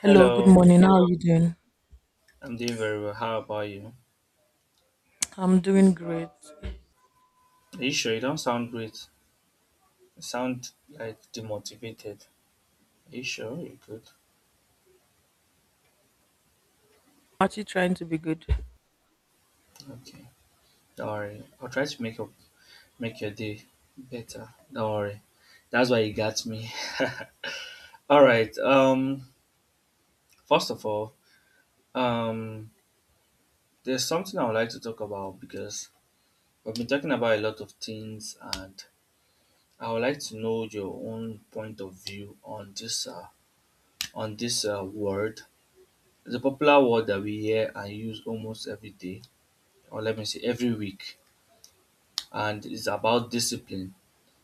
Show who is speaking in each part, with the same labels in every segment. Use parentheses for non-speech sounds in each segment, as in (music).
Speaker 1: Hello, good
Speaker 2: Hello,
Speaker 1: morning. How are you doing?
Speaker 2: I'm doing very well. How about you?
Speaker 1: I'm doing great. I'm
Speaker 2: Are you sure you don't sound great? You sound like demotivated. Are you sure you're good?
Speaker 1: actually trying to be good.
Speaker 2: Okay, don't worry. I'll try to make your day better. Don't worry. That's why you got me. (laughs) All right. First of all, um, there's something I would like to talk about because we've been talking about a lot of things, and I would like to know your own point of view on this word. It's a popular word that we hear and use almost every day, or let me say every week, and it's about discipline.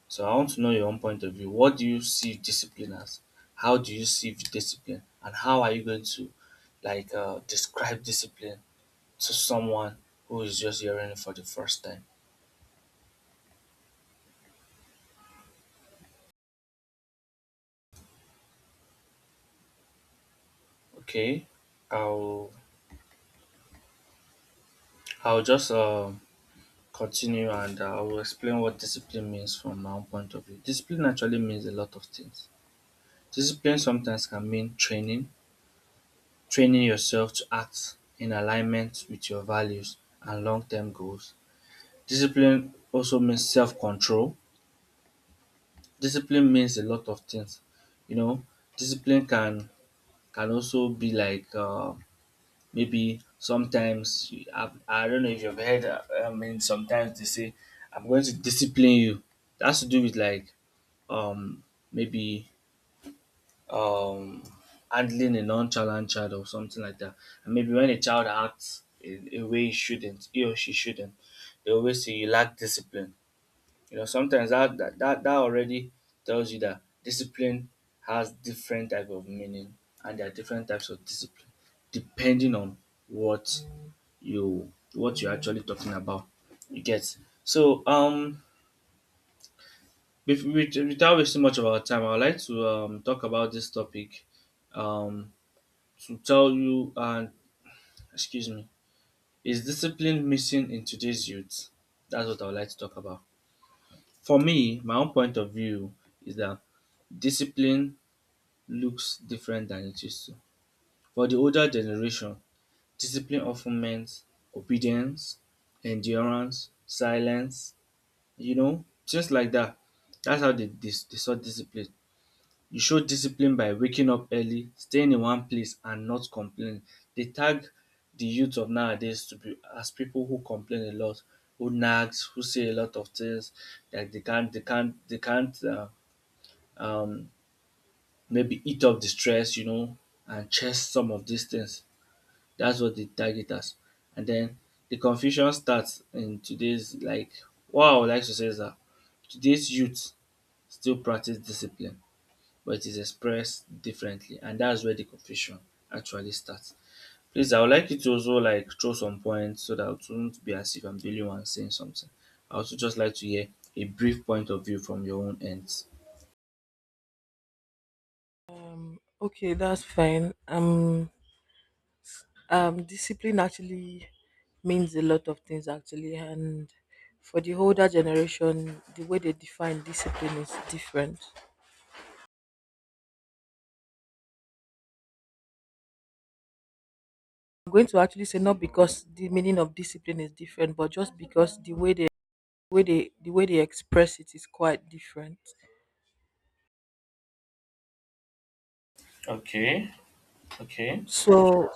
Speaker 2: So I want to know your own point of view. What do you see discipline as? How do you see discipline? And how are you going to describe discipline to someone who is just hearing it for the first time? Okay, I'll I'll just continue, and I will explain what discipline means from my own point of view. Discipline actually means a lot of things. Discipline sometimes can mean training yourself to act in alignment with your values and long-term goals. Discipline also means self-control. Discipline means a lot of things. You know, discipline can also be maybe sometimes I don't know if you've heard. I mean, sometimes they say, "I'm going to discipline you." That's to do with like um maybe um handling a nonchalant child or something like that. And maybe when a child acts in a way he or she shouldn't, they always say you lack discipline. You know, sometimes that already tells you that discipline has different type of meaning, and there are different types of discipline depending on what you what you're actually talking about. You get so without wasting much of our time, I would like to talk about this topic, um to tell you, and excuse me, is discipline missing in today's youth? That's what I would like to talk about. For me, my own point of view is that discipline looks different than it used to. For the older generation, discipline often meant obedience, endurance, silence, you know, things like that. That's how they saw discipline. You show discipline by waking up early, staying in one place and not complaining. They tag the youth of nowadays to be as people who complain a lot, who nags, who say a lot of things like they can't um maybe eat up the stress, you know, and chest some of these things. That's what they tag it as. And then the confusion starts in today's, like, what I would like to say is that today's youth still practice discipline, but it is expressed differently, and that's where the confusion actually starts. Please, I would like you to also like throw some points so that it won't be as if I'm the only one saying something. I also just like to hear a brief point of view from your own ends.
Speaker 1: Okay, that's fine. Discipline actually means a lot of things actually, and for the older generation, the way they define discipline is different. I'm going to actually say not because the meaning of discipline is different, but just because the way they express it is quite different.
Speaker 2: Okay, okay.
Speaker 1: So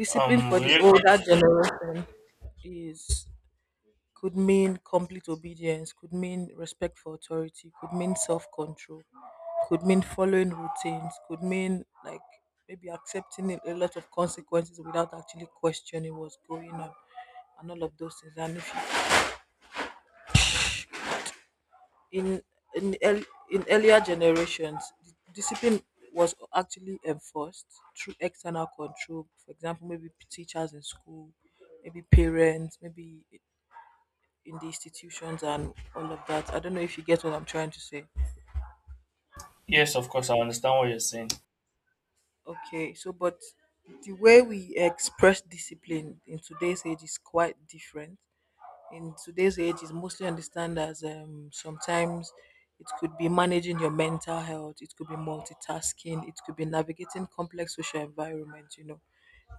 Speaker 1: discipline for the
Speaker 2: We
Speaker 1: older generation is could mean complete obedience, could mean respect for authority, could mean self control, could mean following routines, could mean like maybe accepting a lot of consequences without actually questioning what's going on and all of those things. And if you- in in earlier generations, discipline was actually enforced through external control. For example, maybe teachers in school, maybe parents, maybe in the institutions and all of that. I don't know if you get what I'm trying to say.
Speaker 2: Yes, of course, I understand what you're saying.
Speaker 1: Okay, so but the way we express discipline in today's age is quite different. In today's age is mostly understand as sometimes it could be managing your mental health, it could be multitasking, it could be navigating complex social environments, you know,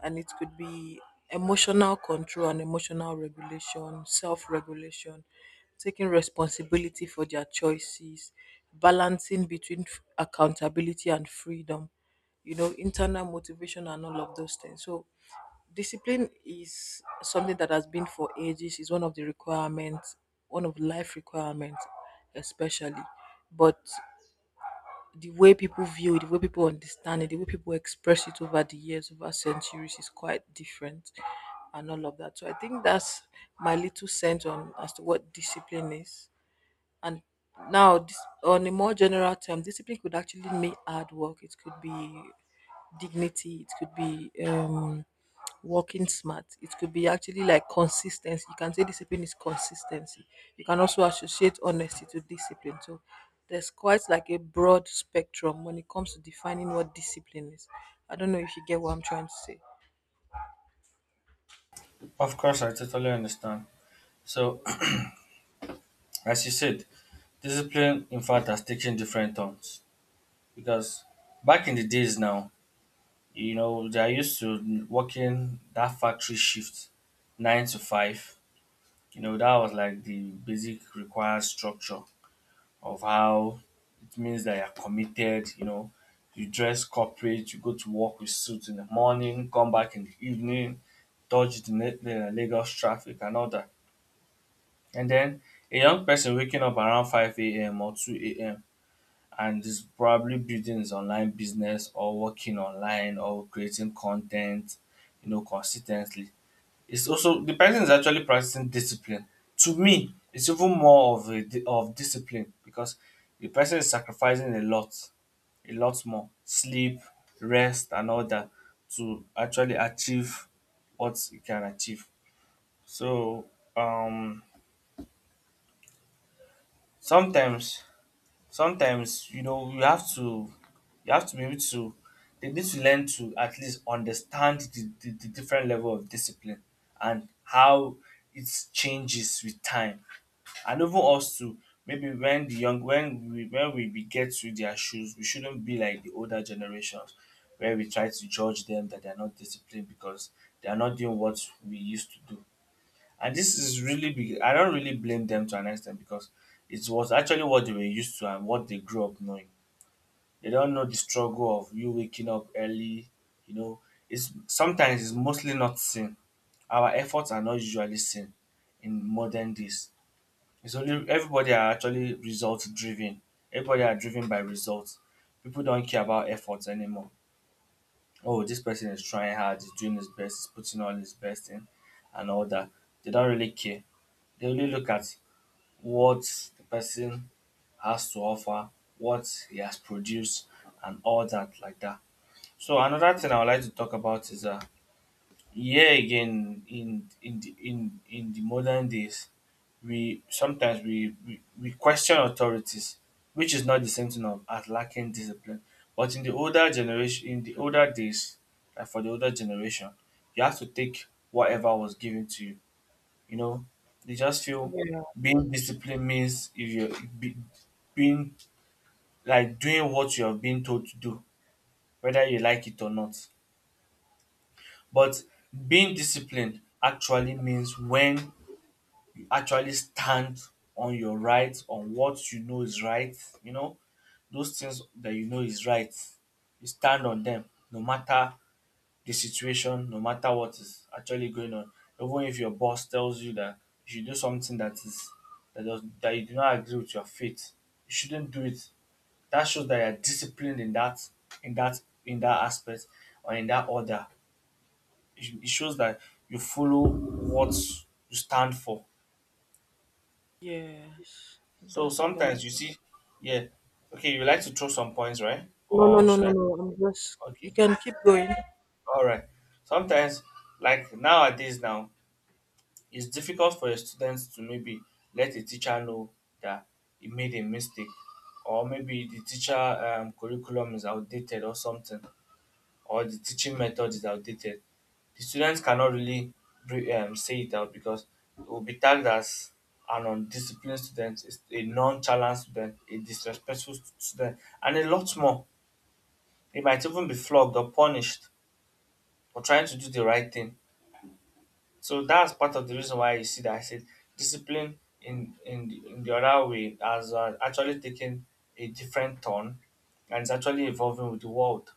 Speaker 1: and it could be emotional control and emotional regulation, self regulation, taking responsibility for their choices, balancing between accountability and freedom, you know, internal motivation and all of those things. So discipline is something that has been for ages, is one of the requirements, one of life requirements, especially. But the way people view it, the way people understand it, the way people express it over the years, over centuries, is quite different and all of that. So I think that's my little sense on as to what discipline is. And now, this, on a more general term, discipline could actually mean hard work. It could be dignity. It could be working smart. It could be actually like consistency. You can say discipline is consistency. You can also associate honesty to discipline. So there's quite like a broad spectrum when it comes to defining what discipline is. I don't know if you get what I'm trying to say.
Speaker 2: Of course, I totally understand. So, (clears throat) as you said, discipline, in fact, has taken different turns because back in the days now, you know, they are used to working that factory shift nine to five. You know, that was like the basic required structure of how it means that you're committed, you know, you dress corporate, you go to work with suit in the morning, come back in the evening, dodge the Lagos traffic and all that. And then a young person waking up around 5 a.m. or 2 a.m and is probably building his online business or working online or creating content, you know, consistently. It's also, the person is actually practicing discipline. To me, it's even more of a of discipline because the person is sacrificing a lot more sleep, rest, and all that to actually achieve what he can achieve. So um, sometimes sometimes, you know, you have to be able to, they need to learn to at least understand the different level of discipline, and how it changes with time, and even us to maybe, when the young when we get to their shoes, we shouldn't be like the older generations where we try to judge them that they're not disciplined because they are not doing what we used to do. And this is really big. I don't really blame them to an extent because it was actually what they were used to and what they grew up knowing. They don't know the struggle of you waking up early. You know, it's sometimes, it's mostly not seen. Our efforts are not usually seen in modern days. It's only everybody are actually result driven. Everybody are driven by results. People don't care about efforts anymore. Oh, this person is trying hard, he's doing his best, he's putting all his best in and all that. They don't really care. They only look at what the person has to offer, what he has produced, and all that like that. So another thing I would like to talk about is yeah, again, in the modern days we sometimes we, we question authorities, which is not the same thing of as lacking discipline. But in the older generation, in the older days, like for the older generation, you have to take whatever was given to you. You know, they just feel
Speaker 1: Yeah.
Speaker 2: being disciplined means if you're be, being like doing what you have been told to do, whether you like it or not. But being disciplined actually means when you actually stand on your right, on what you know is right, you know, those things that you know is right, you stand on them no matter the situation, no matter what is actually going on. Even if your boss tells you that you should do something that is that you do not agree with your faith, you shouldn't do it. That shows that you're disciplined in that, in that aspect, or in that order. It shows that you follow what you stand for.
Speaker 1: Yes.
Speaker 2: So
Speaker 1: That's a valid.
Speaker 2: sometimes you see, yeah, okay, you like to throw some points, right?
Speaker 1: No, no,
Speaker 2: Or
Speaker 1: no,
Speaker 2: should
Speaker 1: no,
Speaker 2: I?
Speaker 1: no. I'm just. You
Speaker 2: Okay,
Speaker 1: can keep going.
Speaker 2: all right. Sometimes, like nowadays, now it's difficult for a student to maybe let a teacher know that he made a mistake, or maybe the teacher curriculum is outdated or something, or the teaching method is outdated, the students cannot really say it out because it will be tagged as an undisciplined student, is a non-challenged student, a disrespectful student, and a lot more. They might even be flogged or punished for trying to do the right thing. So that's part of the reason why you see that I said discipline in the other way has actually taken a different turn, and it's actually evolving with the world.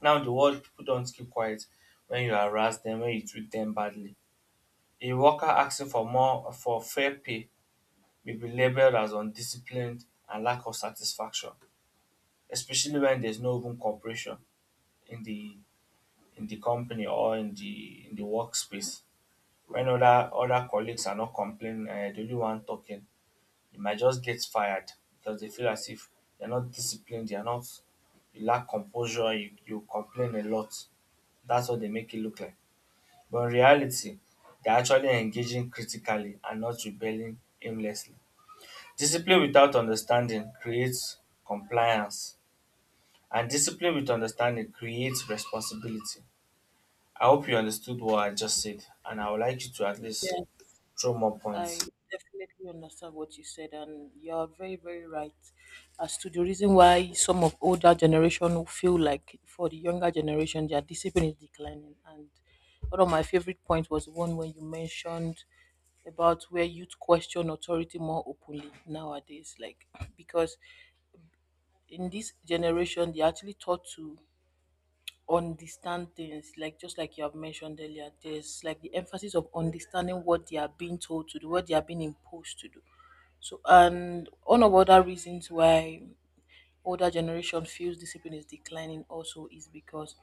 Speaker 2: Now in the world, people don't keep quiet when you harass them, when you treat them badly. A worker asking for more for fair pay may be labeled as undisciplined and lack of satisfaction, especially when there's no open cooperation in the company or in the workspace. When other colleagues are not complaining, the only one talking, you might just get fired because they feel as if you're not disciplined, you're not, you lack composure, you complain a lot. That's what they make it look like. But in reality, they're actually engaging critically and not rebelling aimlessly. Discipline without understanding creates compliance, and discipline with understanding creates responsibility. I hope you understood what I just said, and I would like you to at least
Speaker 1: Yes.
Speaker 2: throw more
Speaker 1: I
Speaker 2: points.
Speaker 1: definitely understand what you said, and you're very, very right as to the reason why some of older generation will feel like for the younger generation their discipline is declining. And one of my favorite points was one when you mentioned about where youth question authority more openly nowadays, like (clears throat) because in this generation they're actually taught to understand things like just like you have mentioned earlier there's like the emphasis of understanding what they are being told to do what they are being imposed to do so, and one of other reasons why older generation feels discipline is declining also is because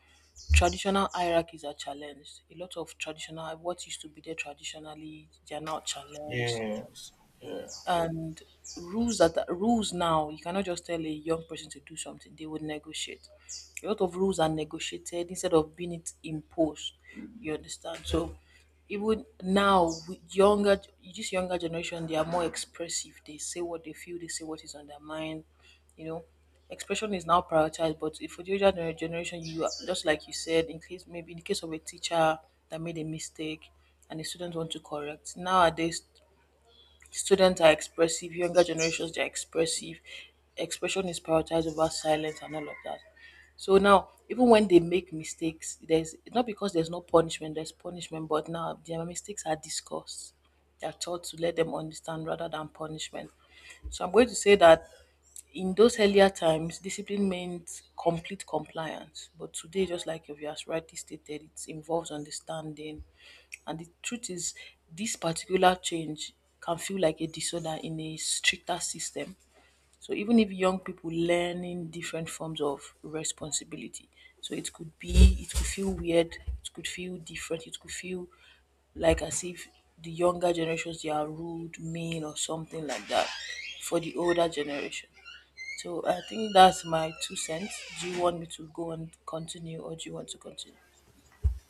Speaker 1: traditional hierarchies are challenged. A lot of traditional what used to be there traditionally, they are now challenged
Speaker 2: Yes. Yeah.
Speaker 1: and rules now you cannot just tell a young person to do something they would negotiate a lot of rules are negotiated instead of being it imposed you understand so even now with younger this younger generation they are more expressive they say what they feel they say what is on their mind, you know, expression is now prioritized but if for the older generation you are, just like you said in case maybe in case of a teacher that made a mistake and the students want to correct nowadays. Students are expressive, younger generations they are expressive. Expression is prioritized over silence and all of that. So now, even when they make mistakes, there's not because there's no punishment, there's punishment, but now their mistakes are discussed. They are taught to let them understand rather than punishment. So I'm going to say that in those earlier times, discipline meant complete compliance. But today, just like you have rightly stated, it involves understanding. And the truth is, this particular change can feel like a disorder in a stricter system. So even if young people learning different forms of responsibility, so it could be, it could feel weird, it could feel different, it could feel like as if the younger generations they are rude, mean, or something like that for the older generation. So I think that's my two cents. Do you want me to go and continue or do you want to continue?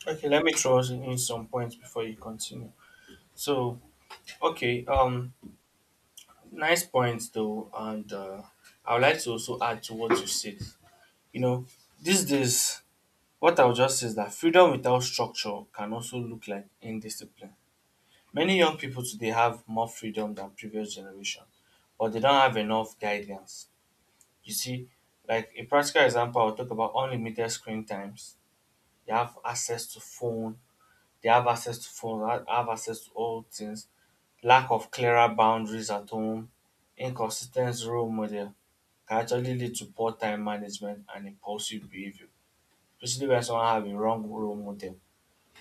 Speaker 2: Okay, let me throw in some points before you continue. So, okay, nice points though, and I would like to also add to what you said. You know, these days, what I would just say is that freedom without structure can also look like indiscipline. Many young people today have more freedom than previous generation, but they don't have enough guidance. You see, like a practical example, I'll talk about unlimited screen times. They have access to phone, They have access to phones, have access to all things. Lack of clearer boundaries at home, inconsistent role model can actually lead to poor time management and impulsive behavior, especially when someone have a wrong role model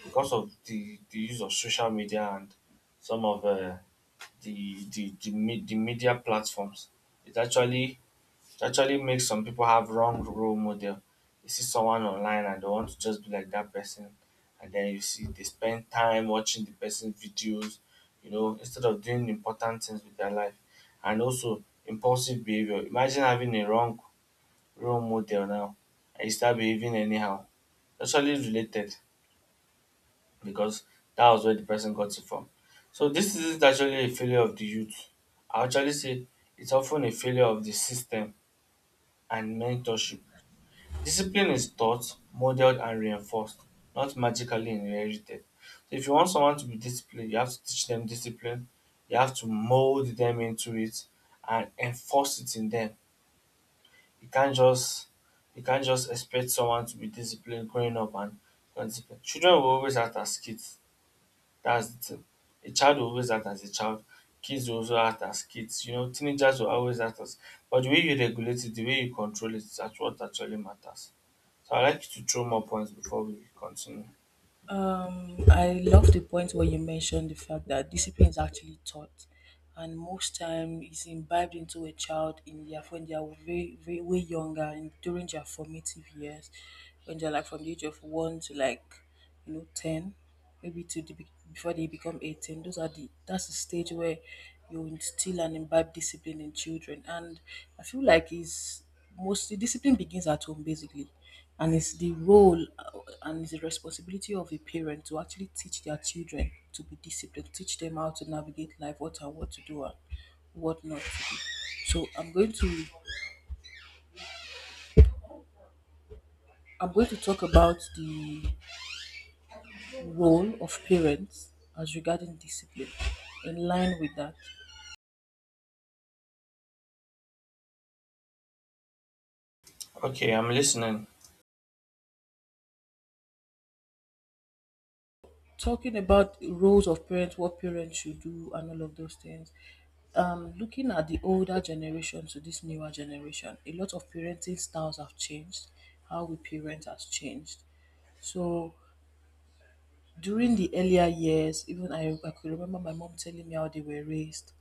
Speaker 2: because of the use of social media and some of the media platforms. It actually it actually makes some people have wrong role model. You see someone online and they want to just be like that person, and then you see they spend time watching the person's videos, instead of doing important things with their life, and also impulsive behavior. Imagine having a wrong role model now, and you start behaving anyhow. Actually related because that was where the person got it from. So this isn't actually a failure of the youth. I actually say it's often a failure of the system and mentorship. Discipline is taught, modeled and reinforced, not magically inherited. So if you want someone to be disciplined, you have to teach them discipline, you have to mold them into it and enforce it in them. You can't just you can't just expect someone to be disciplined growing up and not disciplined. Children will always act as kids. That's the thing. A child will always act as a child. Kids will also act as kids. You know, teenagers will always act as, but the way you regulate it, the way you control it, that's what actually matters. So I'd like you to throw more points before we continue.
Speaker 1: I love the point where you mentioned the fact that discipline is actually taught, and most time is imbibed into a child in their when they are very, very way younger and during their formative years, when they're like from the age of 1 to like you know 10. Maybe to before they become 18, those are the that's the stage where you instill and imbibe discipline in children and I feel like it's mostly discipline begins at home basically and it's the role and it's the responsibility of a parent to actually teach their children to be disciplined, teach them how to navigate life, what and what to do and what not to do. So I'm going to talk about the role of parents as regarding discipline in line with that,
Speaker 2: Okay, I'm listening.
Speaker 1: talking about roles of parents, what parents should do, and all of those things. Looking at the older generation to this newer generation, a lot of parenting styles have changed. How we parent has changed. So during the earlier years, even I could remember my mom telling me how they were raised.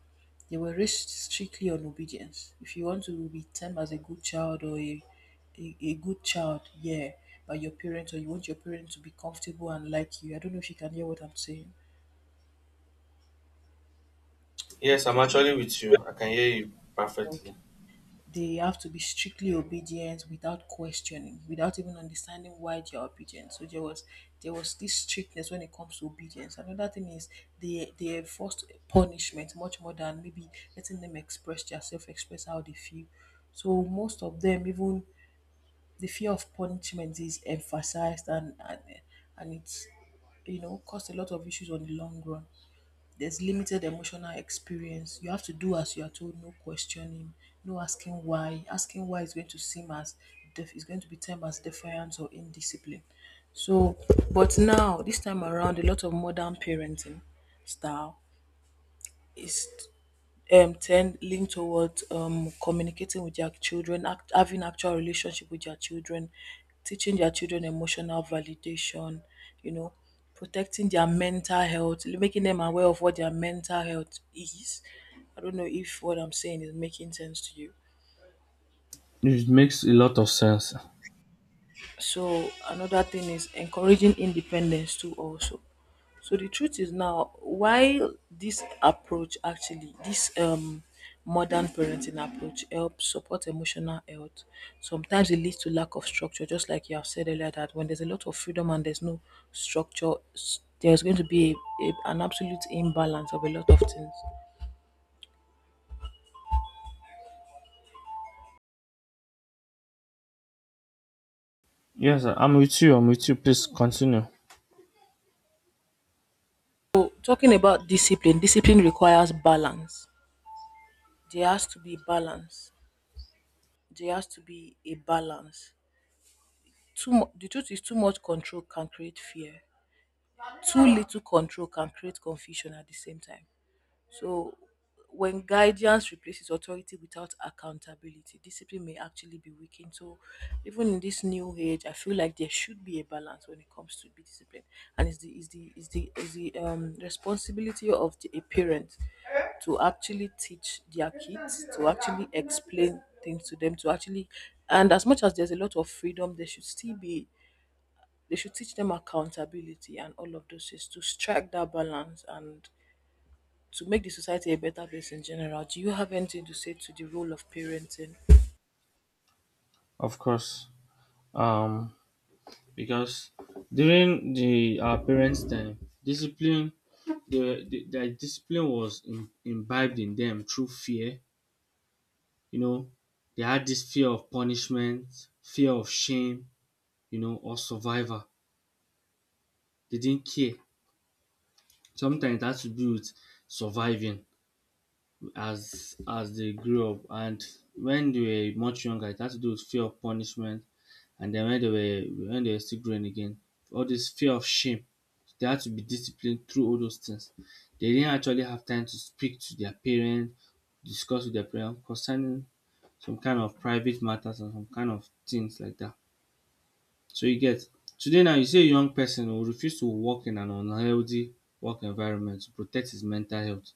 Speaker 1: They were raised strictly on obedience. If you want to be termed as a good child or a good child, yeah, by your parents, or you want your parents to be comfortable and like you. I don't know if you can hear what I'm saying.
Speaker 2: Yes, I'm
Speaker 1: Okay.
Speaker 2: actually with you. I can hear you perfectly.
Speaker 1: Okay. They have to be strictly obedient without questioning, without even understanding why they are obedient. So there was this strictness when it comes to obedience. Another thing is they enforced punishment much more than maybe letting them express their self, express how they feel. So most of them, even the fear of punishment is emphasized and it's, you know, caused a lot of issues on the long run. There's limited emotional experience. You have to do as you are told, no questioning, no asking why. Asking why is going to seem as is going to be termed as defiance or indiscipline. So, but now this time around, a lot of modern parenting style is 10 lean towards communicating with their children, having actual relationship with their children, teaching their children emotional validation, you know, protecting their mental health, making them aware of what their mental health is. I don't know if what I'm saying is making sense to you.
Speaker 2: It makes a lot of sense.
Speaker 1: So another thing is encouraging independence too also. So the truth is now while this approach actually this modern parenting approach helps support emotional health. Sometimes it leads to lack of structure, just like you have said earlier that when there's a lot of freedom and there's no structure, there's going to be an absolute imbalance of a lot of things.
Speaker 2: Yes, I'm with you. I'm with you. Please continue.
Speaker 1: So talking about discipline, discipline requires balance. There has to be balance. There has to be a balance. The truth is, too much control can create fear. Too little control can create confusion at the same time. So, when guidance replaces authority without accountability, discipline may actually be weakened. So, even in this new age, I feel like there should be a balance when it comes to be discipline, and it's the is the is the is the responsibility of the a parent to actually teach their kids, to actually explain things to them, to actually, and as much as there's a lot of freedom, there should still be they should teach them accountability and all of those things to strike that balance and to make the society a better place in general. Do you have anything to say to the role of parenting?
Speaker 2: Of course. Um, because during the our parents' time, discipline, the their discipline was imbibed in them through fear. You know, they had this fear of punishment, fear of shame. You know, or survivor. They didn't care. Sometimes it has to do with surviving as they grew up, and when they were much younger it had to do with fear of punishment, and then when they were still growing again, all this fear of shame, they had to be disciplined through all those things. They didn't actually have time to speak to their parents, discuss with their parents concerning some kind of private matters and some kind of things like that. So you get today now, you see a young person who refuse to work in an unhealthy work environment to protect his mental health.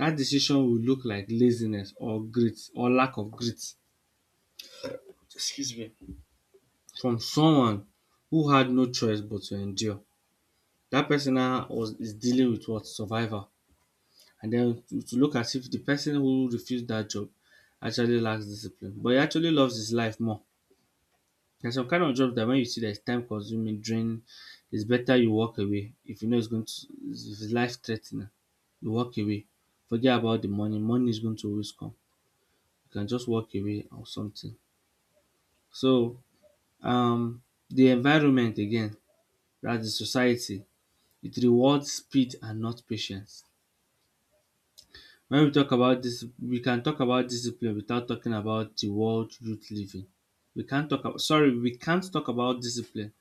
Speaker 2: That decision will look like laziness or grit or lack of grit. Excuse me. From someone who had no choice but to endure. That person now was is dealing with what, survival, and then to, look as if the person who refused that job actually lacks discipline, but he actually loves his life more. There's some kind of job that when you see that it's time consuming, draining, it's better you walk away. If you know it's going to, if it's life threatening. You walk away, forget about the money. Money is going to always come. You can just walk away or something. So, um the environment again, that's the society, it rewards speed and not patience. When we talk about this we can talk about discipline without talking about the world youth living. We can't talk about, sorry, we can't talk about discipline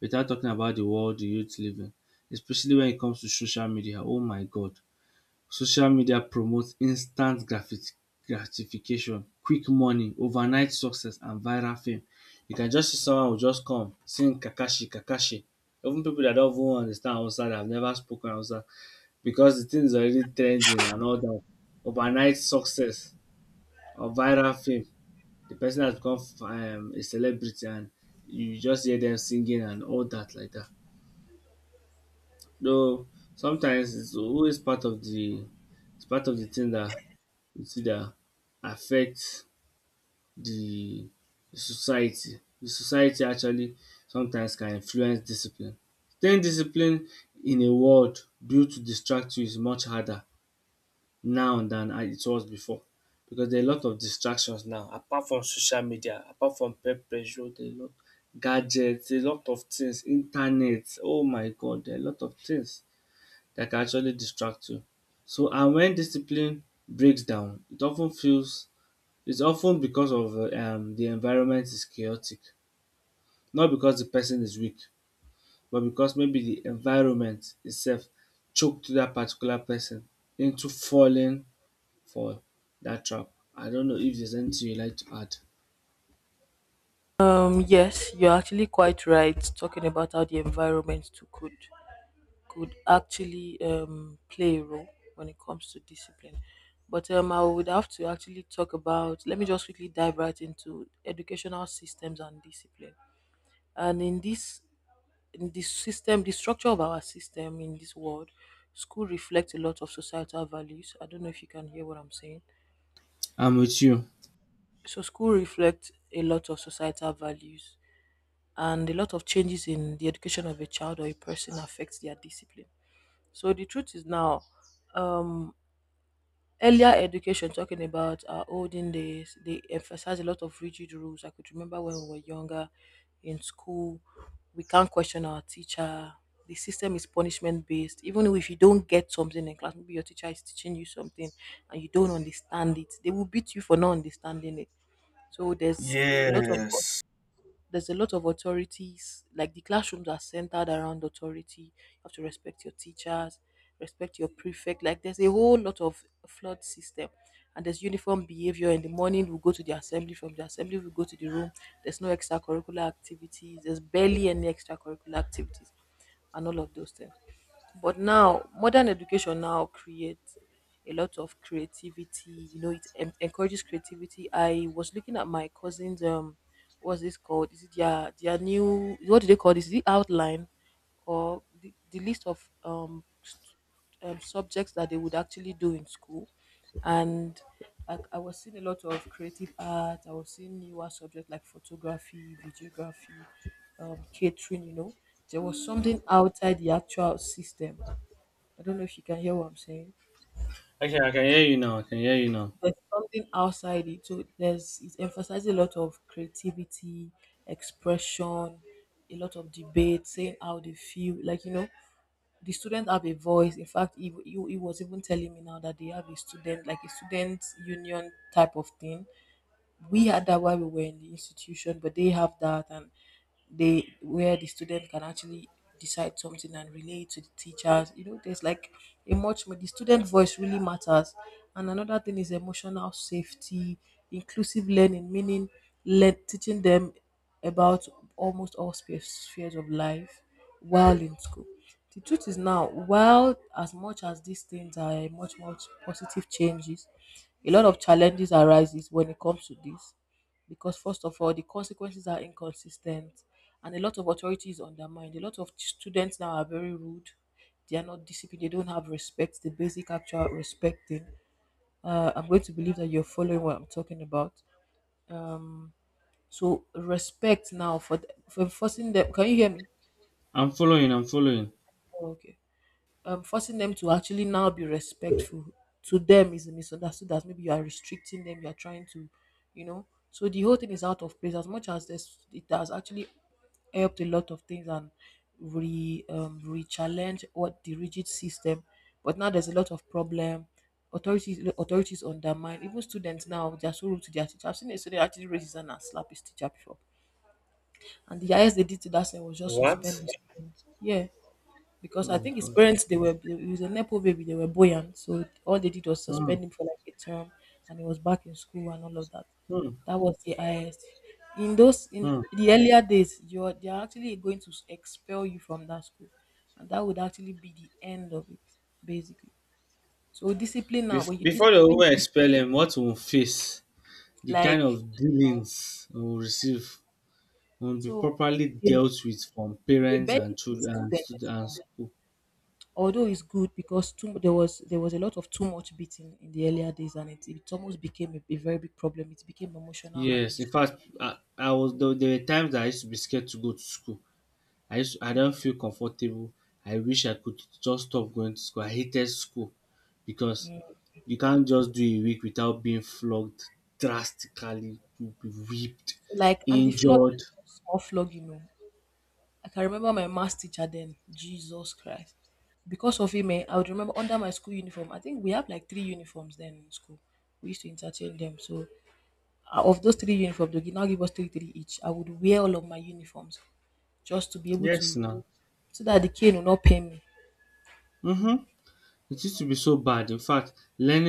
Speaker 2: without talking about the world the youth living, especially when it comes to social media. Oh my god. Social media promotes instant gratifi gratification, quick money, overnight success and viral fame. You can just see someone will just come sing Kakashi Kakashi. Even pipu dat don even understand Hausa dat have never spoken Hausa because the thing is already trending and all that. Overnight success or viral fame. The person has become a celebrity, and you just hear them singing and all that like that. Though sometimes it's always part of the, it's part of the thing that. You either that affect the society. The society actually sometimes can influence discipline. Staying disciplined in a world built to distract you is much harder now than it was before because there are a lot of distractions now. Apart from social media, apart from peer pressure, there are a lot, gadgets, a lot of things, internet, oh my god, there are a lot of things that can actually distract you. So and when discipline breaks down, it often feels, it's often because of the environment is chaotic, not because the person is weak, but because maybe the environment itself choked that particular person into falling for that trap. I don't know if there's anything you'd like to add.
Speaker 1: Yes, you're actually quite right talking about how the environment too could actually play a role when it comes to discipline. But I would have to actually talk about. Let me just quickly dive right into educational systems and discipline. And in this system, the structure of our system in this world, school reflects a lot of societal values. I don't know if you can hear what I'm saying.
Speaker 2: I'm with you.
Speaker 1: So school reflects a lot of societal values and a lot of changes in the education of a child or a person affects their discipline. So the truth is now, um, earlier education, talking about our olden days, they emphasize a lot of rigid rules. I could remember when we were younger in school, we can't question our teacher. The system is punishment based. Even if you don't get something in class, maybe your teacher is teaching you something and you don't understand it, they will beat you for not understanding it. So a lot of
Speaker 2: Yes.
Speaker 1: there's a lot of authorities. Like the classrooms are centered around authority. You have to respect your teachers, respect your prefect. Like there's a whole lot of flood system. And there's uniform behavior. In the morning, we go to the assembly. From the assembly, we go to the room. There's no extracurricular activities. There's barely any extracurricular activities, and all of those things. But now, modern education now creates a lot of creativity. You know, it encourages creativity. I was looking at my cousin's, what's this called? Is it their new, what do they call this? Is it outline or the list of subjects that they would actually do in school? And I was seeing a lot of creative art. I was seeing newer subjects like photography, videography, catering, you know. There was something outside the actual system. I don't know if you can hear what I'm saying.
Speaker 2: Okay, I can hear you now. I can hear you now.
Speaker 1: There's something outside it. So there's it emphasizes a lot of creativity, expression, a lot of debate, saying how they feel. Like, you know, the students have a voice. In fact, he was even telling me now that they have a student, like a student union type of thing. We had that while we were in the institution, but they have that and they where the student can actually decide something and relate to the teachers. You know, there's like a much more the student voice really matters. And another thing is emotional safety, inclusive learning, meaning let teaching them about almost all spheres of life while in school. The truth is now, while as much as these things are much positive changes, a lot of challenges arises when it comes to this. Because first of all, the consequences are inconsistent and a lot of authority is undermined. A lot of students now are very rude. They are not disciplined. They don't have respect, the basic actual respecting. I'm going to believe that you're following what I'm talking about. Um, so respect now for forcing them. Can you hear me?
Speaker 2: I'm following. I'm following.
Speaker 1: Oh, okay. Forcing them to actually now be respectful to them is misunderstood as maybe you are restricting them, you are trying to, you know. So the whole thing is out of place. As much as this, it has actually helped a lot of things and re re-challenge what the rigid system. But now there's a lot of problem. Authorities undermine, even students now, they are so rude to their teacher. I've seen a student actually raise his hand and slap his teacher before, and the highest they did to that student was just suspend
Speaker 2: What?
Speaker 1: the student. Yeah, because
Speaker 2: Oh
Speaker 1: I
Speaker 2: my
Speaker 1: think his
Speaker 2: god.
Speaker 1: parents, they were he was a nepo baby, they were buoyant, so all they did was
Speaker 2: Hmm,
Speaker 1: suspend him for like a term, and he was back in school and all of that.
Speaker 2: hmm,
Speaker 1: That was the highest. In those in
Speaker 2: hmm.
Speaker 1: the earlier days, you're they are actually going to expel you from that school, and that would actually be the end of it, basically. So discipline now, when you
Speaker 2: Before the
Speaker 1: discipline,
Speaker 2: woman expel him, what we will face, the kind
Speaker 1: like
Speaker 2: of dealings we will receive, will be
Speaker 1: so,
Speaker 2: properly
Speaker 1: they,
Speaker 2: dealt with from
Speaker 1: they
Speaker 2: parents
Speaker 1: barely
Speaker 2: and
Speaker 1: beat
Speaker 2: children and
Speaker 1: students
Speaker 2: student and
Speaker 1: anymore,
Speaker 2: school.
Speaker 1: although it's good because too there was a lot of too much beating in the earlier days, and it almost became a very big problem. It became emotional
Speaker 2: Yes, in
Speaker 1: abuse,
Speaker 2: fact, I was there, there were times that I used to be scared to go to school. I don't feel comfortable. I wish I could just stop going to school. I hated school because you can't just do a week without being flogged drastically. You'll be whipped,
Speaker 1: like, and the flog
Speaker 2: injured.
Speaker 1: is not small flog, you know. I can remember my math teacher then, Jesus Christ. Because of him, eh, I would remember under my school uniform, I think we have like three uniforms then in school. We used to interchange them. So of those three uniforms, they now give us three three each. I would wear all of my uniforms just to be able
Speaker 2: Yes,
Speaker 1: to,
Speaker 2: now.
Speaker 1: that the cane will not pain me.
Speaker 2: Mm-hmm. It used to be so bad. In fact, learning